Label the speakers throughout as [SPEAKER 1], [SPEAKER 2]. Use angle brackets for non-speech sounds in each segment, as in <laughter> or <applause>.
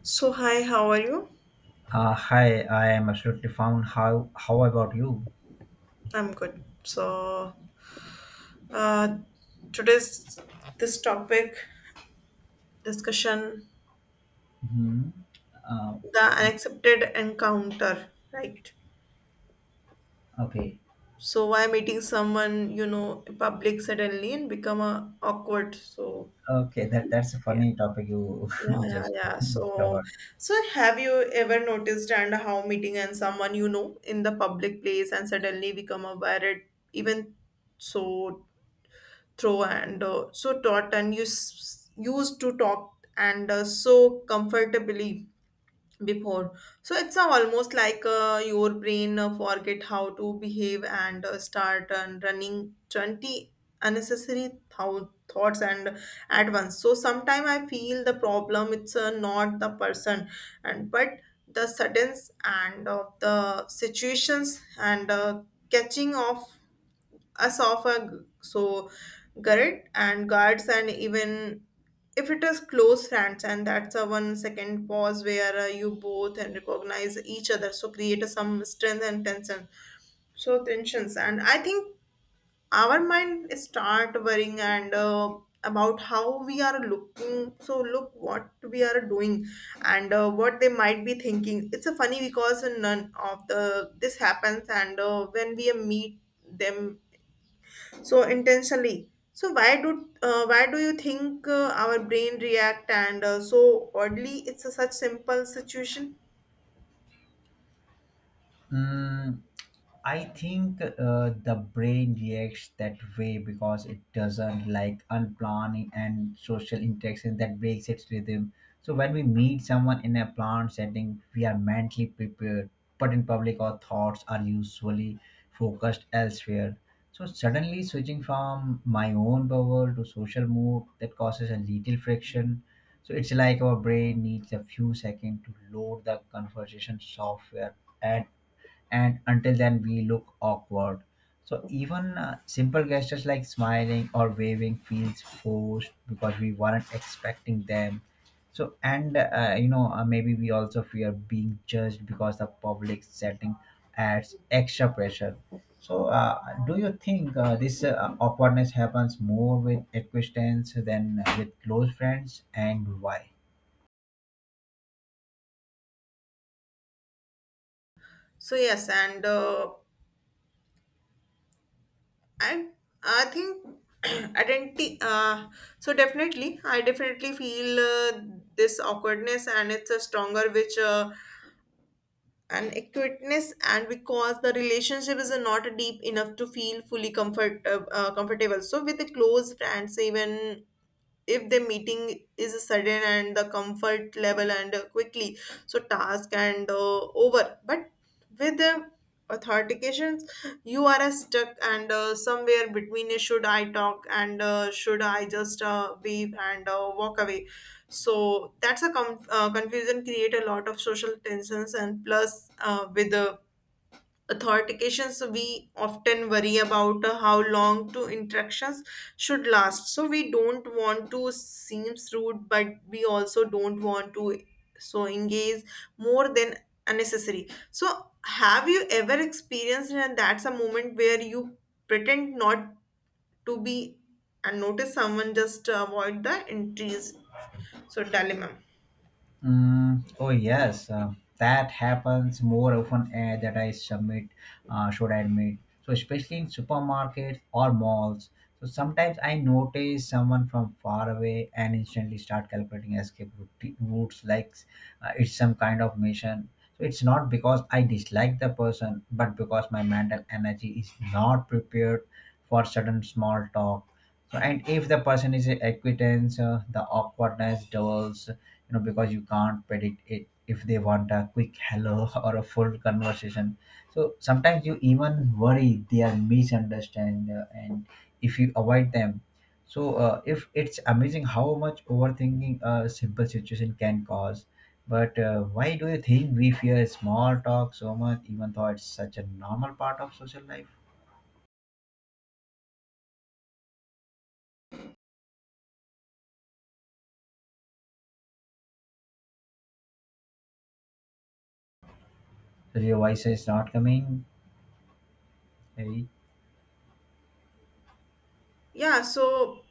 [SPEAKER 1] So, hi, how are you?
[SPEAKER 2] Hi, I am absolutely fine. How about you?
[SPEAKER 1] I'm good. So, uh, today's this topic discussion
[SPEAKER 2] Hmm. Uh,
[SPEAKER 1] the unaccepted encounter, right?
[SPEAKER 2] okay,
[SPEAKER 1] So, why meeting someone you know in public suddenly and become awkward? So,
[SPEAKER 2] okay. That's a funny topic you
[SPEAKER 1] yeah,
[SPEAKER 2] <laughs>
[SPEAKER 1] yeah,
[SPEAKER 2] just
[SPEAKER 1] yeah. So,
[SPEAKER 2] discovered.
[SPEAKER 1] so have you ever noticed and how meeting and someone you know in the public place and suddenly become aware it even so throw and so taut and you used to talk and so comfortably before so it's almost like your brain forget how to behave and start and running 20 unnecessary thoughts and at once so sometimes I feel the problem it's not the person and but the sudden and of the situations and catching off esophagus, so gullet and guards, and even if it is close friends, and that's a 1 second pause where you both and recognize each other, so create a, some strength and tension. So tensions, and I think our mind start worrying and. About how we are looking so look what we are doing and what they might be thinking it's a funny because none of the this happens and when we meet them so intensely so why do you think our brain react and so oddly it's a such simple situation
[SPEAKER 2] Mm, I think the brain reacts that way because it doesn't like unplanned and social interaction that breaks its rhythm. So when we meet someone in a planned setting, we are mentally prepared, but in public, our thoughts are usually focused elsewhere. So suddenly switching from my own bubble to social mode that causes a little friction. So it's like our brain needs a few seconds to load the conversation software and and until then we look awkward. So even simple gestures like smiling or waving feels forced because we weren't expecting them. So and uh, you know uh, maybe we also fear being judged because the public setting adds extra pressure. So do you think this awkwardness happens more with acquaintances than with close friends, and why?
[SPEAKER 1] so yes and i I think <clears throat> identity so definitely feel this awkwardness and it's a stronger which an acuteness and because the relationship is not deep enough to feel fully comfortable so with the close friends even if the meeting is sudden and the comfort level and quickly so task and over but with the authentications you are stuck and somewhere between should I talk and should I just wave and walk away so that's a confusion create a lot of social tensions and plus with the authentications we often worry about how long to interactions should last so we don't want to seem rude but we also don't want to so engage more than unnecessary so have you ever experienced and that's a moment where you pretend not to be and notice someone just to avoid the entries so dilemma
[SPEAKER 2] Oh yes, that happens more often that I submit, should I admit. So especially in supermarkets or malls. So sometimes I notice someone from far away and instantly start calculating routes, like it's some kind of mission. So it's not because I dislike the person, but because my mental energy is not prepared for sudden small talk. So, and if the person is a acquaintance, the awkwardness doubles, you know, because you can't predict it if they want a quick hello <laughs> or a full conversation. So sometimes you even worry they are misunderstand and if you avoid them. So if it's amazing how much overthinking a simple situation can cause. But why do you think we fear small talk so much even though it's such a normal part of social life? So your voice is not coming. Hey.
[SPEAKER 1] yeah so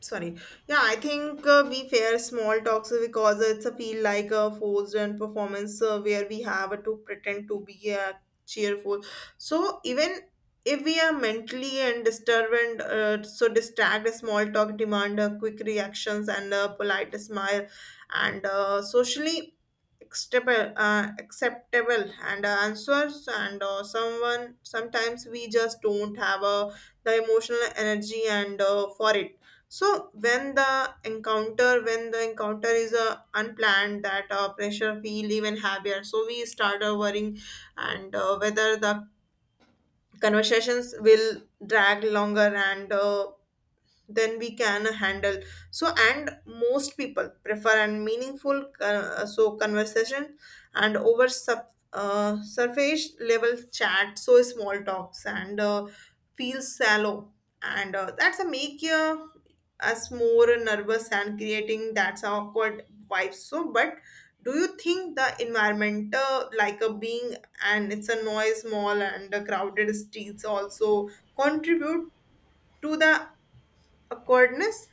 [SPEAKER 1] sorry yeah I think we fear small talks because it's a feel like a forced and performance where we have to pretend to be cheerful so even if we are mentally and disturbed so distract small talk demand quick reactions and a polite smile and socially acceptable and answers and someone sometimes we just don't have the emotional energy and for it so when the encounter is unplanned that pressure feel even heavier so we start worrying and whether the conversations will drag longer and then we can handle so and most people prefer and meaningful so conversation and over surface level chat so small talks and feels shallow and that's a make you us more nervous and creating that's awkward vibe so but do you think the environment like a being and it's a noise mall and the crowded streets also contribute to the awkwardness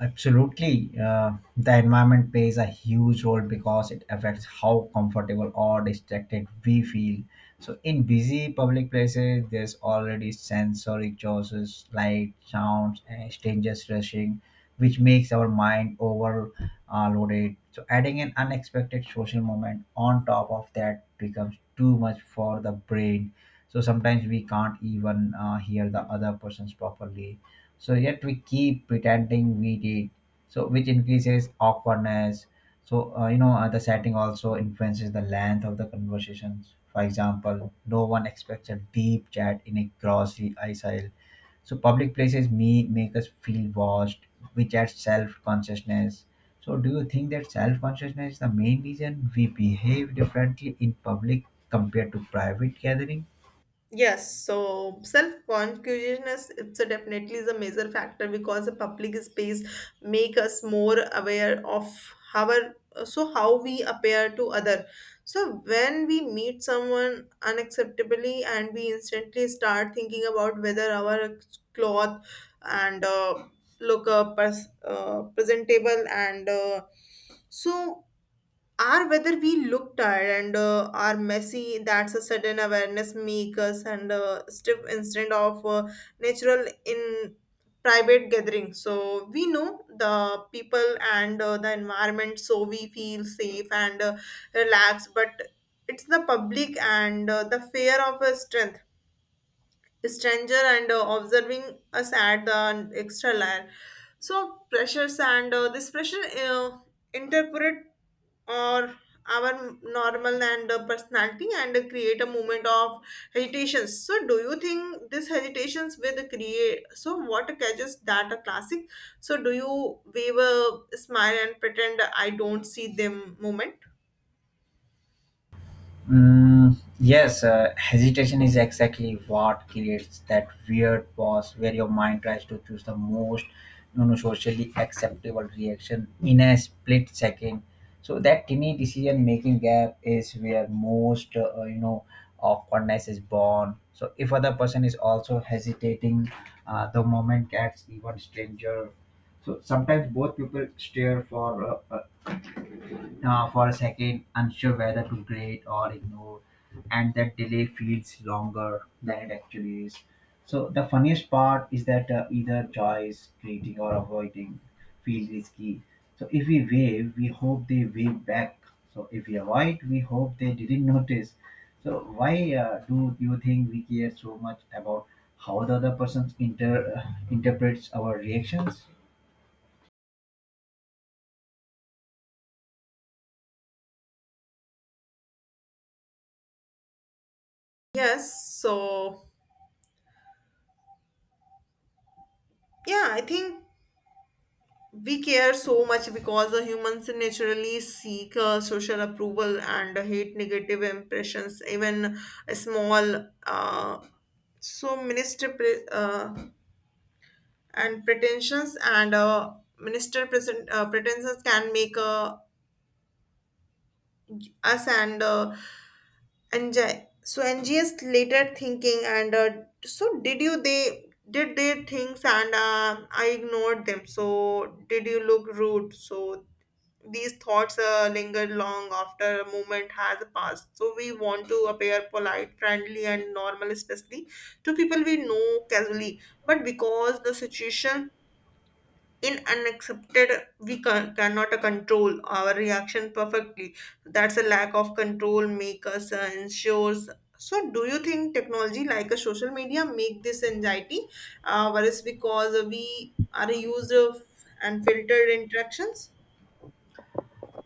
[SPEAKER 2] Absolutely. The environment plays a huge role because it affects how comfortable or distracted we feel. So, in busy public places, there's already sensory choices, light, sounds, and strangers rushing, which makes our mind overloaded. So, adding an unexpected social moment on top of that becomes too much for the brain. So, sometimes we can't even hear the other person's properly, so yet we keep pretending we did, so which increases awkwardness. So the setting also influences the length of the conversations. For example, no one expects a deep chat in a grocery aisle. So public places may make us feel watched, which adds self-consciousness. So do you think that self-consciousness is the main reason we behave differently in public compared to private gathering?
[SPEAKER 1] yes so self-consciousness it's a definitely is a major factor because the public space make us more aware of our so how we appear to other so when we meet someone unacceptably and we instantly start thinking about whether our cloth and look presentable and so are whether we look tired and are messy that's a sudden awareness make us and stiff instant of natural in private gathering so we know the people and the environment so we feel safe and relaxed but it's the public and the fear of a strength stranger and observing us at the extra layer. So pressures and this pressure interpret or our normal and personality and create a moment of hesitations. So do you think this hesitations will create? So what catches that a classic? So do you wave a smile and pretend I don't see them moment?
[SPEAKER 2] Yes, hesitation is exactly what creates that weird pause where your mind tries to choose the most, socially acceptable reaction in a split second. So that tiny decision making gap is where most, awkwardness is born. So if other person is also hesitating, the moment gets even stranger. So sometimes both people stare for a second, unsure whether to grade or ignore, and that delay feels longer than it actually is. So the funniest part is that, either choice, greeting or avoiding, feels risky. So if we wave, we hope they wave back. So if we avoid, we hope they didn't notice. So why do you think we care so much about how the other person interprets our reactions?
[SPEAKER 1] Yes. So yeah, I think we care so much because the humans naturally seek social approval and hate negative impressions even a small so and pretensions and minister present pretensions can make us and so NGS later thinking and so did you they did their things and I ignored them so did you look rude so These thoughts linger long after a moment has passed. So we want to appear polite, friendly, and normal, especially to people we know casually. But because the situation in unaccepted, we cannot control our reaction perfectly. That's a lack of control make us ensures. So, do you think technology like a social media make this anxiety worse because we are used of and filtered interactions?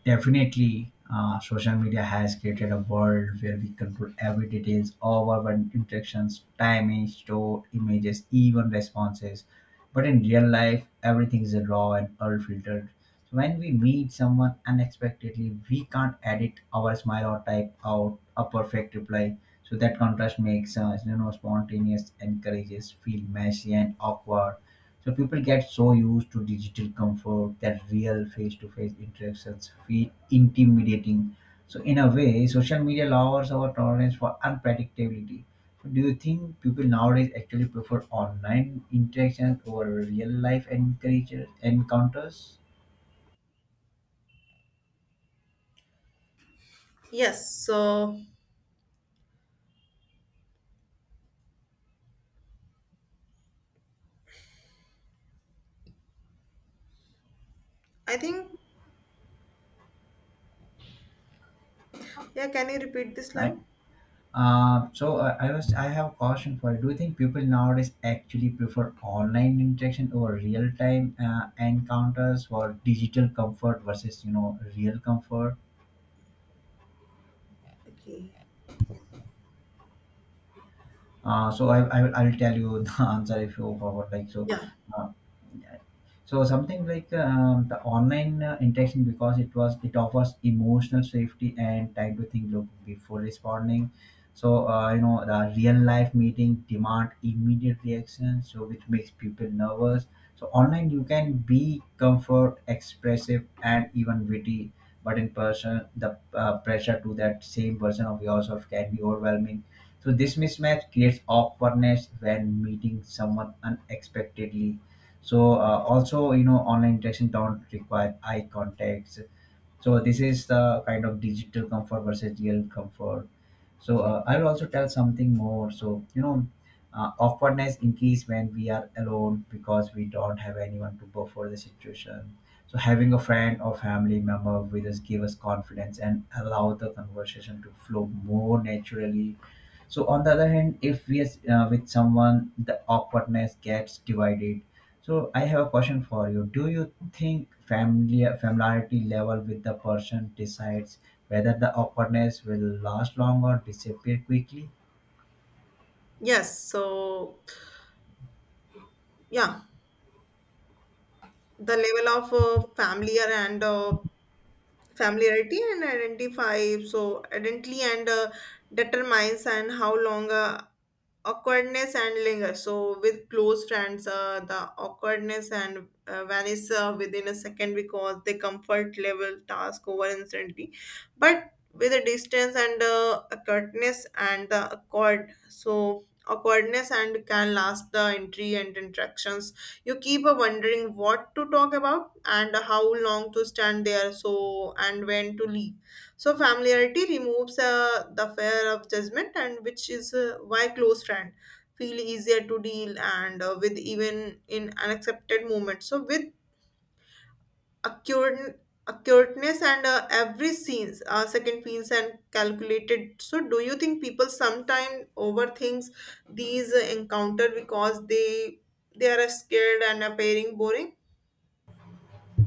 [SPEAKER 2] Definitely, social media has created a world where we control every details of our interactions, timing, store, images, even responses. But in real life, everything is raw and unfiltered. So when we meet someone unexpectedly, we can't edit our smile or type out a perfect reply. So that contrast makes us, spontaneous encourages feel messy and awkward. So people get so used to digital comfort that real face-to-face interactions feel intimidating. So in a way, social media lowers our tolerance for unpredictability. So do you think people nowadays actually prefer online interactions over real life encounters?
[SPEAKER 1] Yes, so I think, yeah, can you repeat this
[SPEAKER 2] Right.
[SPEAKER 1] line?
[SPEAKER 2] So I have a question for you. Do you think people nowadays actually prefer online interaction over real time encounters for digital comfort versus, you know, real comfort?
[SPEAKER 1] Okay.
[SPEAKER 2] So I I'll tell you the <laughs> answer if you forgot. Like, so,
[SPEAKER 1] Yeah.
[SPEAKER 2] uh, so something like, the online interaction because it offers emotional safety and time to think look before responding. So the real life meeting demand immediate reaction, so which makes people nervous. So online you can be comfort, expressive, and even witty, but in person the pressure to that same version of yourself can be overwhelming. So this mismatch creates awkwardness when meeting someone unexpectedly. So also, you know, online interaction don't require eye contacts. So this is the kind of digital comfort versus real comfort. So I'll also tell something more. So you know, awkwardness increase when we are alone because we don't have anyone to buffer the situation. So having a friend or family member with us give us confidence and allow the conversation to flow more naturally. So on the other hand, if we are with someone, the awkwardness gets divided. So I have a question for you. Do you think family familiarity level with the person decides whether the awkwardness will last long or disappear quickly?
[SPEAKER 1] Yes. So, yeah, the level of familiar and familiarity and identify so identity and determines and how long awkwardness and linger so with close friends the awkwardness and vanish within a second because they comfort level task over instantly but with the distance and accuratness and the accord so awkwardness and can last the entry and interactions you keep wondering what to talk about and how long to stand there so and when to leave so familiarity removes the fear of judgment and which is why close friend feel easier to deal and with even in unaccepted moments so with accurate accurateness and every scenes second feels and calculated so do you think people sometimes overthinks these encounter because they are scared and appearing boring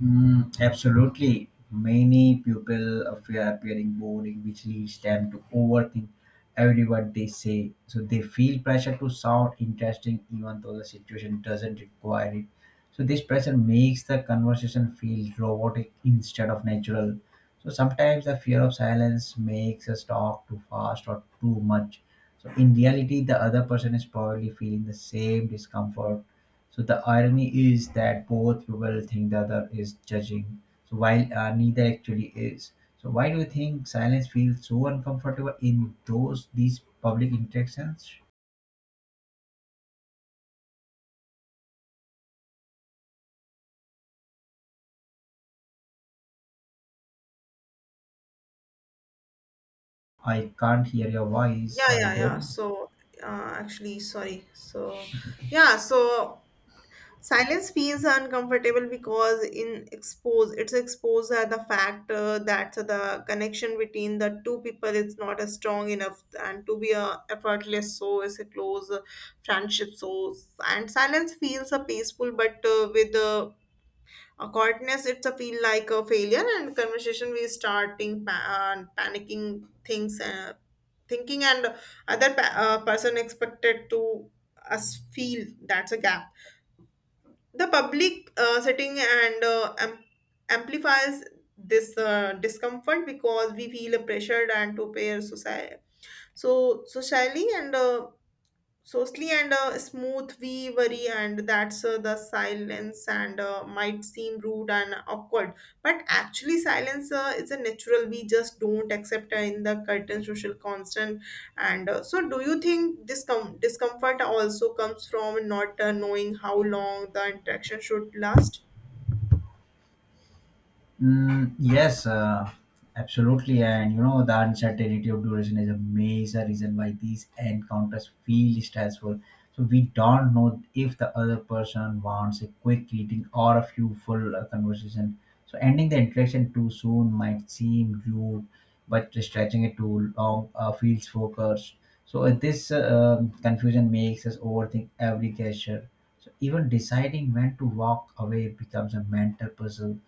[SPEAKER 2] Absolutely. Many people fear appearing boring, which leads them to overthink every word they say. So they feel pressure to sound interesting, even though the situation doesn't require it. So this pressure makes the conversation feel robotic instead of natural. So sometimes the fear of silence makes us talk too fast or too much. So in reality, the other person is probably feeling the same discomfort. So the irony is that both people think the other is judging, so while neither actually is. So why do you think silence feels so uncomfortable in those these public interactions? I can't hear your voice.
[SPEAKER 1] yeah
[SPEAKER 2] I
[SPEAKER 1] yeah yeah
[SPEAKER 2] don't.
[SPEAKER 1] so actually sorry so yeah so silence feels uncomfortable because in expose it's exposed at the fact that the connection between the two people is not as strong enough and to be a effortless so is a close friendship so and silence feels a peaceful but with a quietness it's a feel like a failure and conversation we starting panicking things thinking and other person expected to us feel that's a gap the public setting and amplifies this discomfort because we feel pressured and to pair society so socially and so Sli and smooth we worry and that's the silence and might seem rude and awkward but actually silence is a natural we just don't accept in the curtain social constant and so do you think this discomfort also comes from not knowing how long the interaction should last
[SPEAKER 2] Yes, absolutely. And you know, the uncertainty of duration is a major reason why these encounters feel stressful. So we don't know if the other person wants a quick greeting or a few full conversation. So ending the interaction too soon might seem rude, but stretching it too long feels focused. So this confusion makes us overthink every gesture. So even deciding when to walk away becomes a mental puzzle.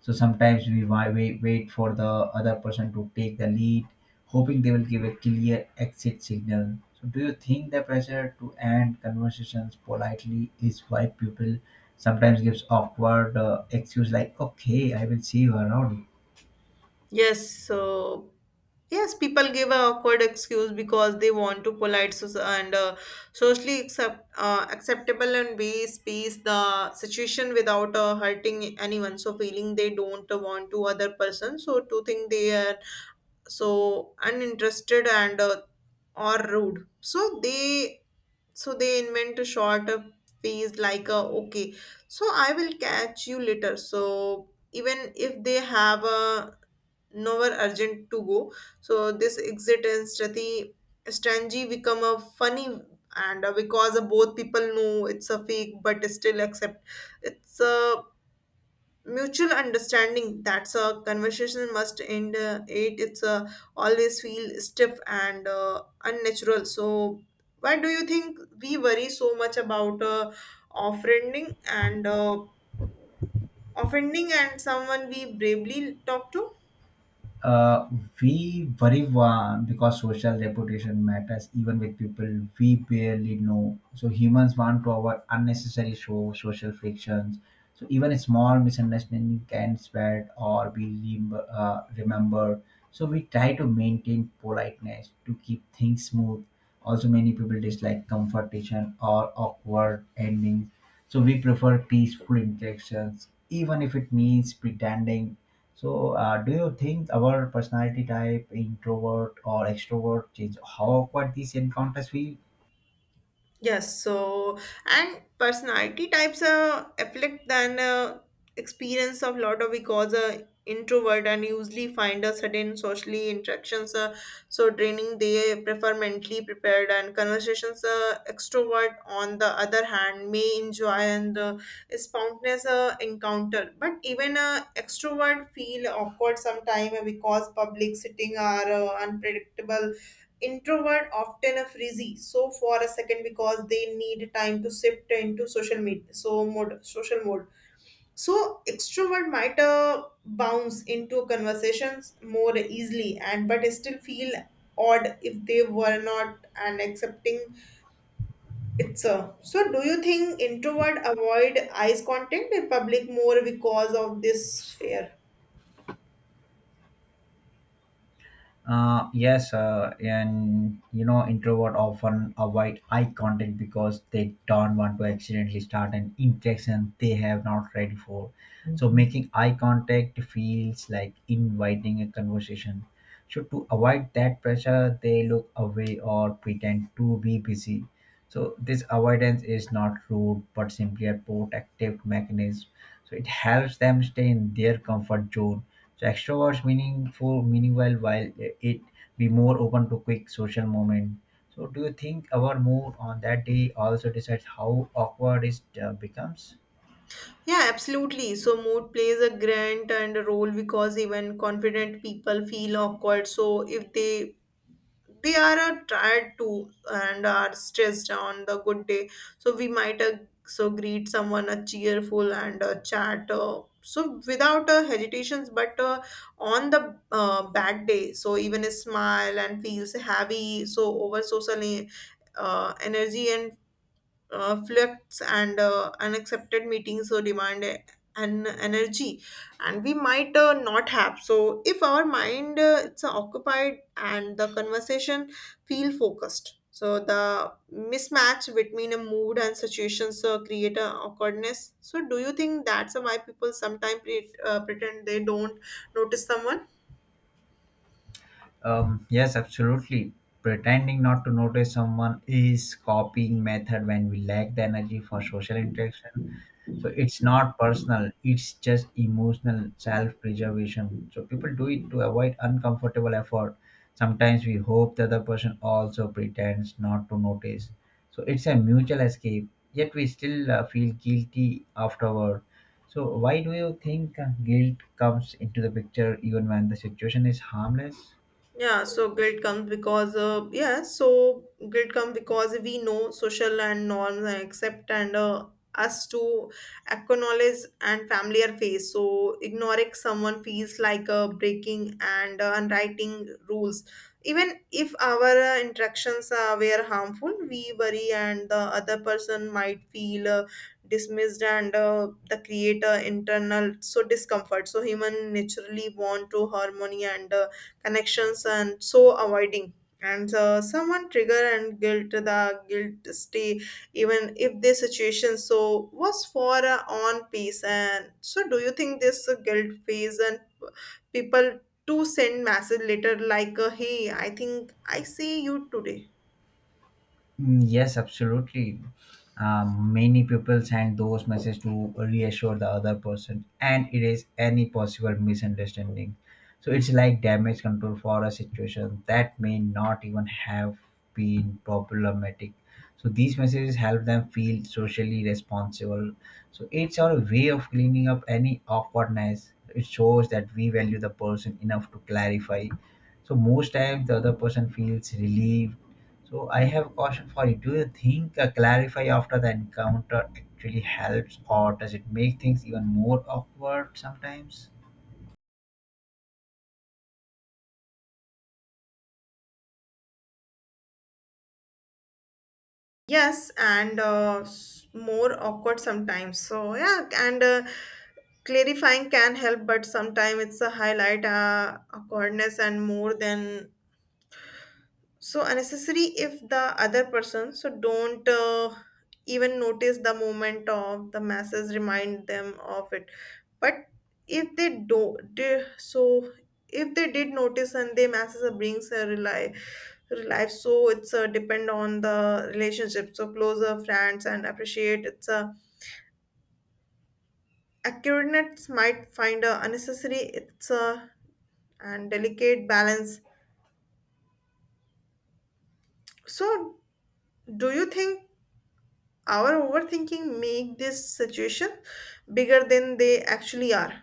[SPEAKER 2] So sometimes we wait for the other person to take the lead, hoping they will give a clear exit signal. So do you think the pressure to end conversations politely is why people sometimes gives awkward excuse like, okay, I will see you around?
[SPEAKER 1] Yes, uh, Yes, people give an awkward excuse because they want to polite and socially acceptable and ways peace the situation without hurting anyone. So feeling they don't want to other person, so to think they are so uninterested and or rude. So they invent a short phrase like okay, so I will catch you later. So even if they have a nowhere urgent to go. So this exit and Strati Strangi become a funny and because both people know it's a fake but still accept it's a mutual understanding that's a conversation must end it it's a always feel stiff and unnatural so why do you think we worry so much about offending and uh, offending and someone we bravely talk to
[SPEAKER 2] Uh, we worry because social reputation matters even with people we barely know. So humans want to avoid unnecessary show, social frictions. So even a small misunderstanding can spread or be remembered. So we try to maintain politeness to keep things smooth. Also, many people dislike confrontation or awkward endings. So we prefer peaceful interactions, even if it means pretending. So, do you think our personality type, introvert or extrovert, change how awkward these encounters feel?
[SPEAKER 1] Yes, so and personality types affect then experience of lot of because introvert and usually find a certain socially interactions so draining they prefer mentally prepared and conversations extrovert on the other hand may enjoy and spontaneous encounter but even extrovert feel awkward sometime because public sitting are unpredictable introvert often a frizzy so for a second because they need time to shift into social mode so extrovert might bounce into conversations more easily and but still feel odd if they were not and accepting it's so do you think introvert avoid eyes contact in public more because of this fear
[SPEAKER 2] Yes, and you know, introvert often avoid eye contact because they don't want to accidentally start an interaction they have not ready for. So making eye contact feels like inviting a conversation. So to avoid that pressure, they look away or pretend to be busy. So this avoidance is not rude, but simply a protective mechanism. So it helps them stay in their comfort zone. So extroverts meanwhile, while it be more open to quick social moment. So do you think our mood on that day also decides how awkward it becomes?
[SPEAKER 1] Yeah, absolutely. So mood plays a grand and a role because even confident people feel awkward. So if they are tired too and are stressed on the good day, so we might so greet someone a cheerful and a chat. So without hesitations, but on the bad day, so even a smile and feels heavy. So over social energy and flux and unaccepted meetings so demand an energy and we might not have so if our mind it's occupied and the conversation feel focused. So the mismatch between a mood and situations create a awkwardness. So do you think that's why people sometimes pretend they don't notice someone?
[SPEAKER 2] Yes, absolutely. Pretending not to notice someone is copying method when we lack the energy for social interaction. So it's not personal, it's just emotional self-preservation. So people do it to avoid uncomfortable effort. Sometimes we hope the other person also pretends not to notice. So it's a mutual escape, yet we still feel guilty afterward. So why do you think guilt comes into the picture even when the situation is harmless?
[SPEAKER 1] Yeah, so guilt comes because we know social and norms and accept and us to acknowledge and familiar face. So ignoring someone feels like breaking and unwriting rules. Even if our interactions were harmful, we worry and the other person might feel dismissed and the creator internal so discomfort. So human naturally want to harmony and. Connections and so avoiding and someone trigger and guilt the guilt stay even if the situation so was for a on peace. And so do you think this guilt phase and people to send message later like hey, I think I see you today?
[SPEAKER 2] Yes, absolutely. Many people send those messages to reassure the other person and erase any possible misunderstanding. So it's like damage control for a situation that may not even have been problematic. So these messages help them feel socially responsible. So it's our way of cleaning up any awkwardness. It shows that we value the person enough to clarify. So most times the other person feels relieved. So I have a question for you. Do you think clarify after the encounter actually helps, or does it make things even more awkward sometimes?
[SPEAKER 1] Yes and more awkward sometimes. So yeah and clarifying can help, but sometimes it's a highlight awkwardness and more than so unnecessary. If the other person so don't even notice the moment of the masses remind them of it, but if they don't they, so if they did notice and they masses are brings a rely life, so it's a depend on the relationship. So closer friends and appreciate it's a accurateness might find a unnecessary. It's a and delicate balance. So do you think our overthinking make this situation bigger than they actually are?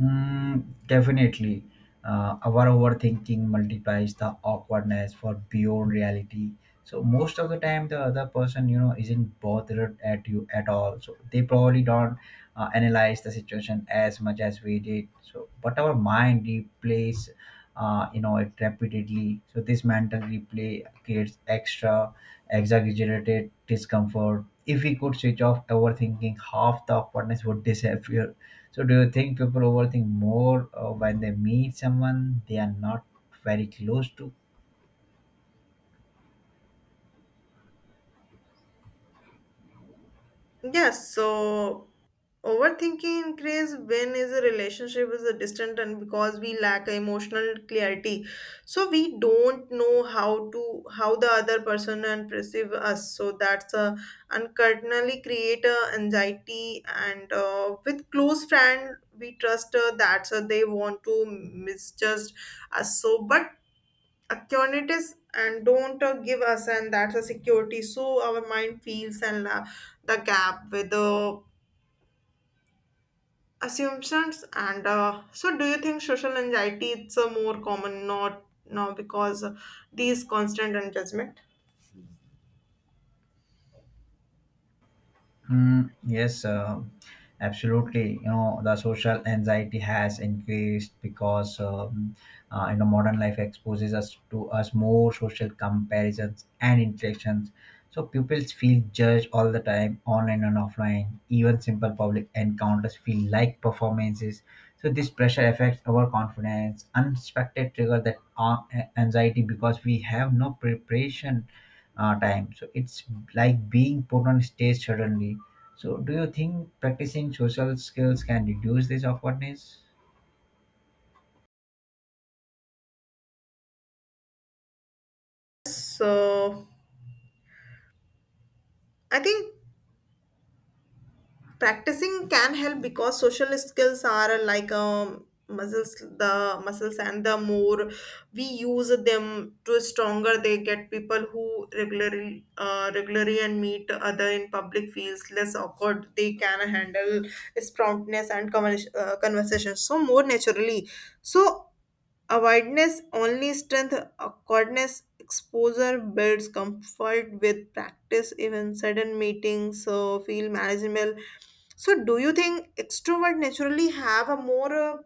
[SPEAKER 2] Definitely. Our overthinking multiplies the awkwardness for beyond reality. So most of the time, the other person, you know, isn't bothered at you at all. So they probably don't analyze the situation as much as we did. So, but our mind replays, it repeatedly. So this mental replay creates extra exaggerated discomfort. If we could switch off overthinking, half the awkwardness would <laughs> disappear. So, do you think people overthink more when they meet someone they are not very close to?
[SPEAKER 1] Yes, so overthinking increase when is a relationship is a distant, and because we lack emotional clarity, so we don't know how to how the other person and perceive us. So that's a uncurtainly create a anxiety, and with close friend we trust that so they want to misjudge us. So but alternatives and don't give us and that's a security, so our mind feels and the gap with the assumptions and so do you think social anxiety it's a more common not now because these constant and judgment?
[SPEAKER 2] Yes, absolutely. You know, the social anxiety has increased because you know modern life exposes us to us more social comparisons and interactions. So pupils feel judged all the time, online and offline. Even simple public encounters feel like performances. So this pressure affects our confidence. Unexpected trigger that anxiety because we have no preparation time. So it's like being put on stage suddenly. So do you think practicing social skills can reduce this awkwardness?
[SPEAKER 1] So I think practicing can help because social skills are like muscles. The muscles and the more we use them to stronger they get. People who regularly regularly and meet other in public feels less awkward. They can handle sproutness and conversation so more naturally. So awareness only strengthens awkwardness. Exposure builds comfort with practice. Even sudden meetings feel manageable. So, do you think extrovert naturally have a more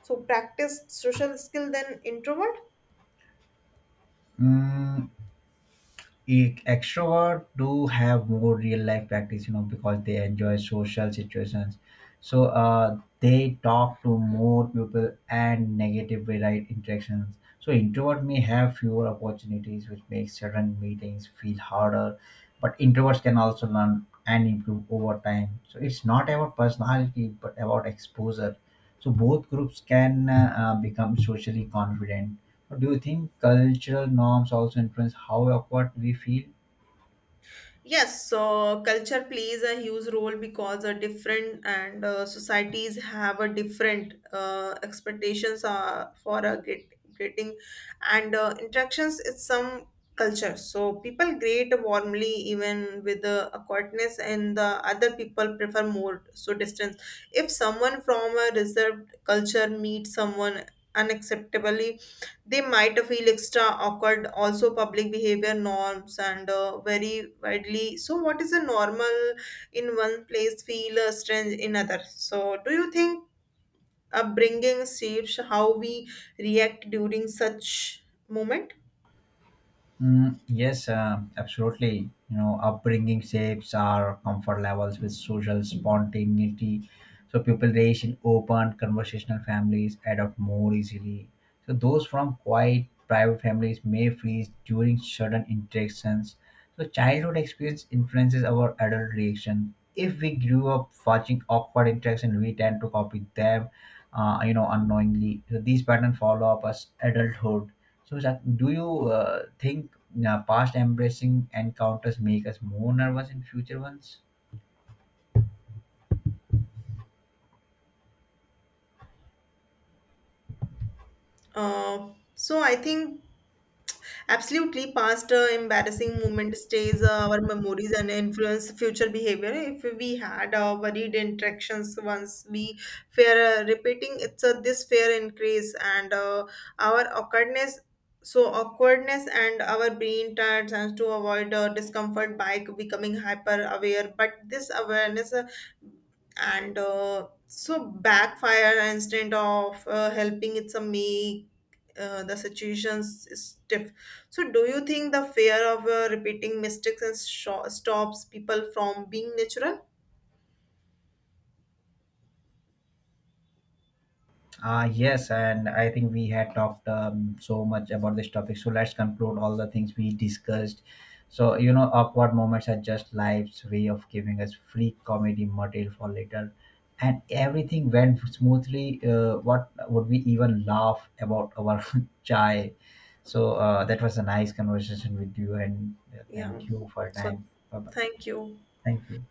[SPEAKER 1] so practiced social skill than introvert?
[SPEAKER 2] Mm, Extrovert do have more real life practice, you know, because they enjoy social situations. So they talk to more people and negative right interactions. So introvert may have fewer opportunities, which makes certain meetings feel harder. But introverts can also learn and improve over time. So it's not about personality but about exposure. So both groups can become socially confident. Do you think cultural norms also influence how or what we feel?
[SPEAKER 1] Yes, so culture plays a huge role because different and societies have a different expectations for a get, greeting and interactions. It's some culture, so people greet warmly even with awkwardness, and the other people prefer more so distance. If someone from a reserved culture meets someone unacceptably, they might feel extra awkward. Also public behavior norms and very widely, so what is a normal in one place feel strange in other. So do you think upbringing shapes how we react during such moment?
[SPEAKER 2] Yes, absolutely. You know, upbringing shapes our comfort levels with social spontaneity. So people raised in open, conversational families adopt more easily. So those from quiet, private families may freeze during certain interactions. So childhood experience influences our adult reaction. If we grew up watching awkward interaction, we tend to copy them, unknowingly. So these patterns follow up as adulthood. So, Shak, do you think past embracing encounters make us more nervous in future ones?
[SPEAKER 1] uh, so I think absolutely, past embarrassing moment stays our memories and influence future behavior. If we had worried interactions once, we fear repeating. It's this fear increase and our awkwardness. So awkwardness and our brain tends to avoid discomfort by becoming hyper aware. But this awareness and so backfire instead of helping. It's a make the situations is stiff. So, do you think the fear of repeating mistakes and sho stops people from being natural?
[SPEAKER 2] Yes, and I think we had talked so much about this topic. So let's conclude all the things we discussed. So, you know, awkward moments are just life's way of giving us free comedy material for later. And everything went smoothly. What would we even laugh about our <laughs> chai? So, that was a nice conversation with you, and
[SPEAKER 1] Yeah.
[SPEAKER 2] thank you for your
[SPEAKER 1] So,
[SPEAKER 2] time. Bye bye.
[SPEAKER 1] thank you.
[SPEAKER 2] Thank you.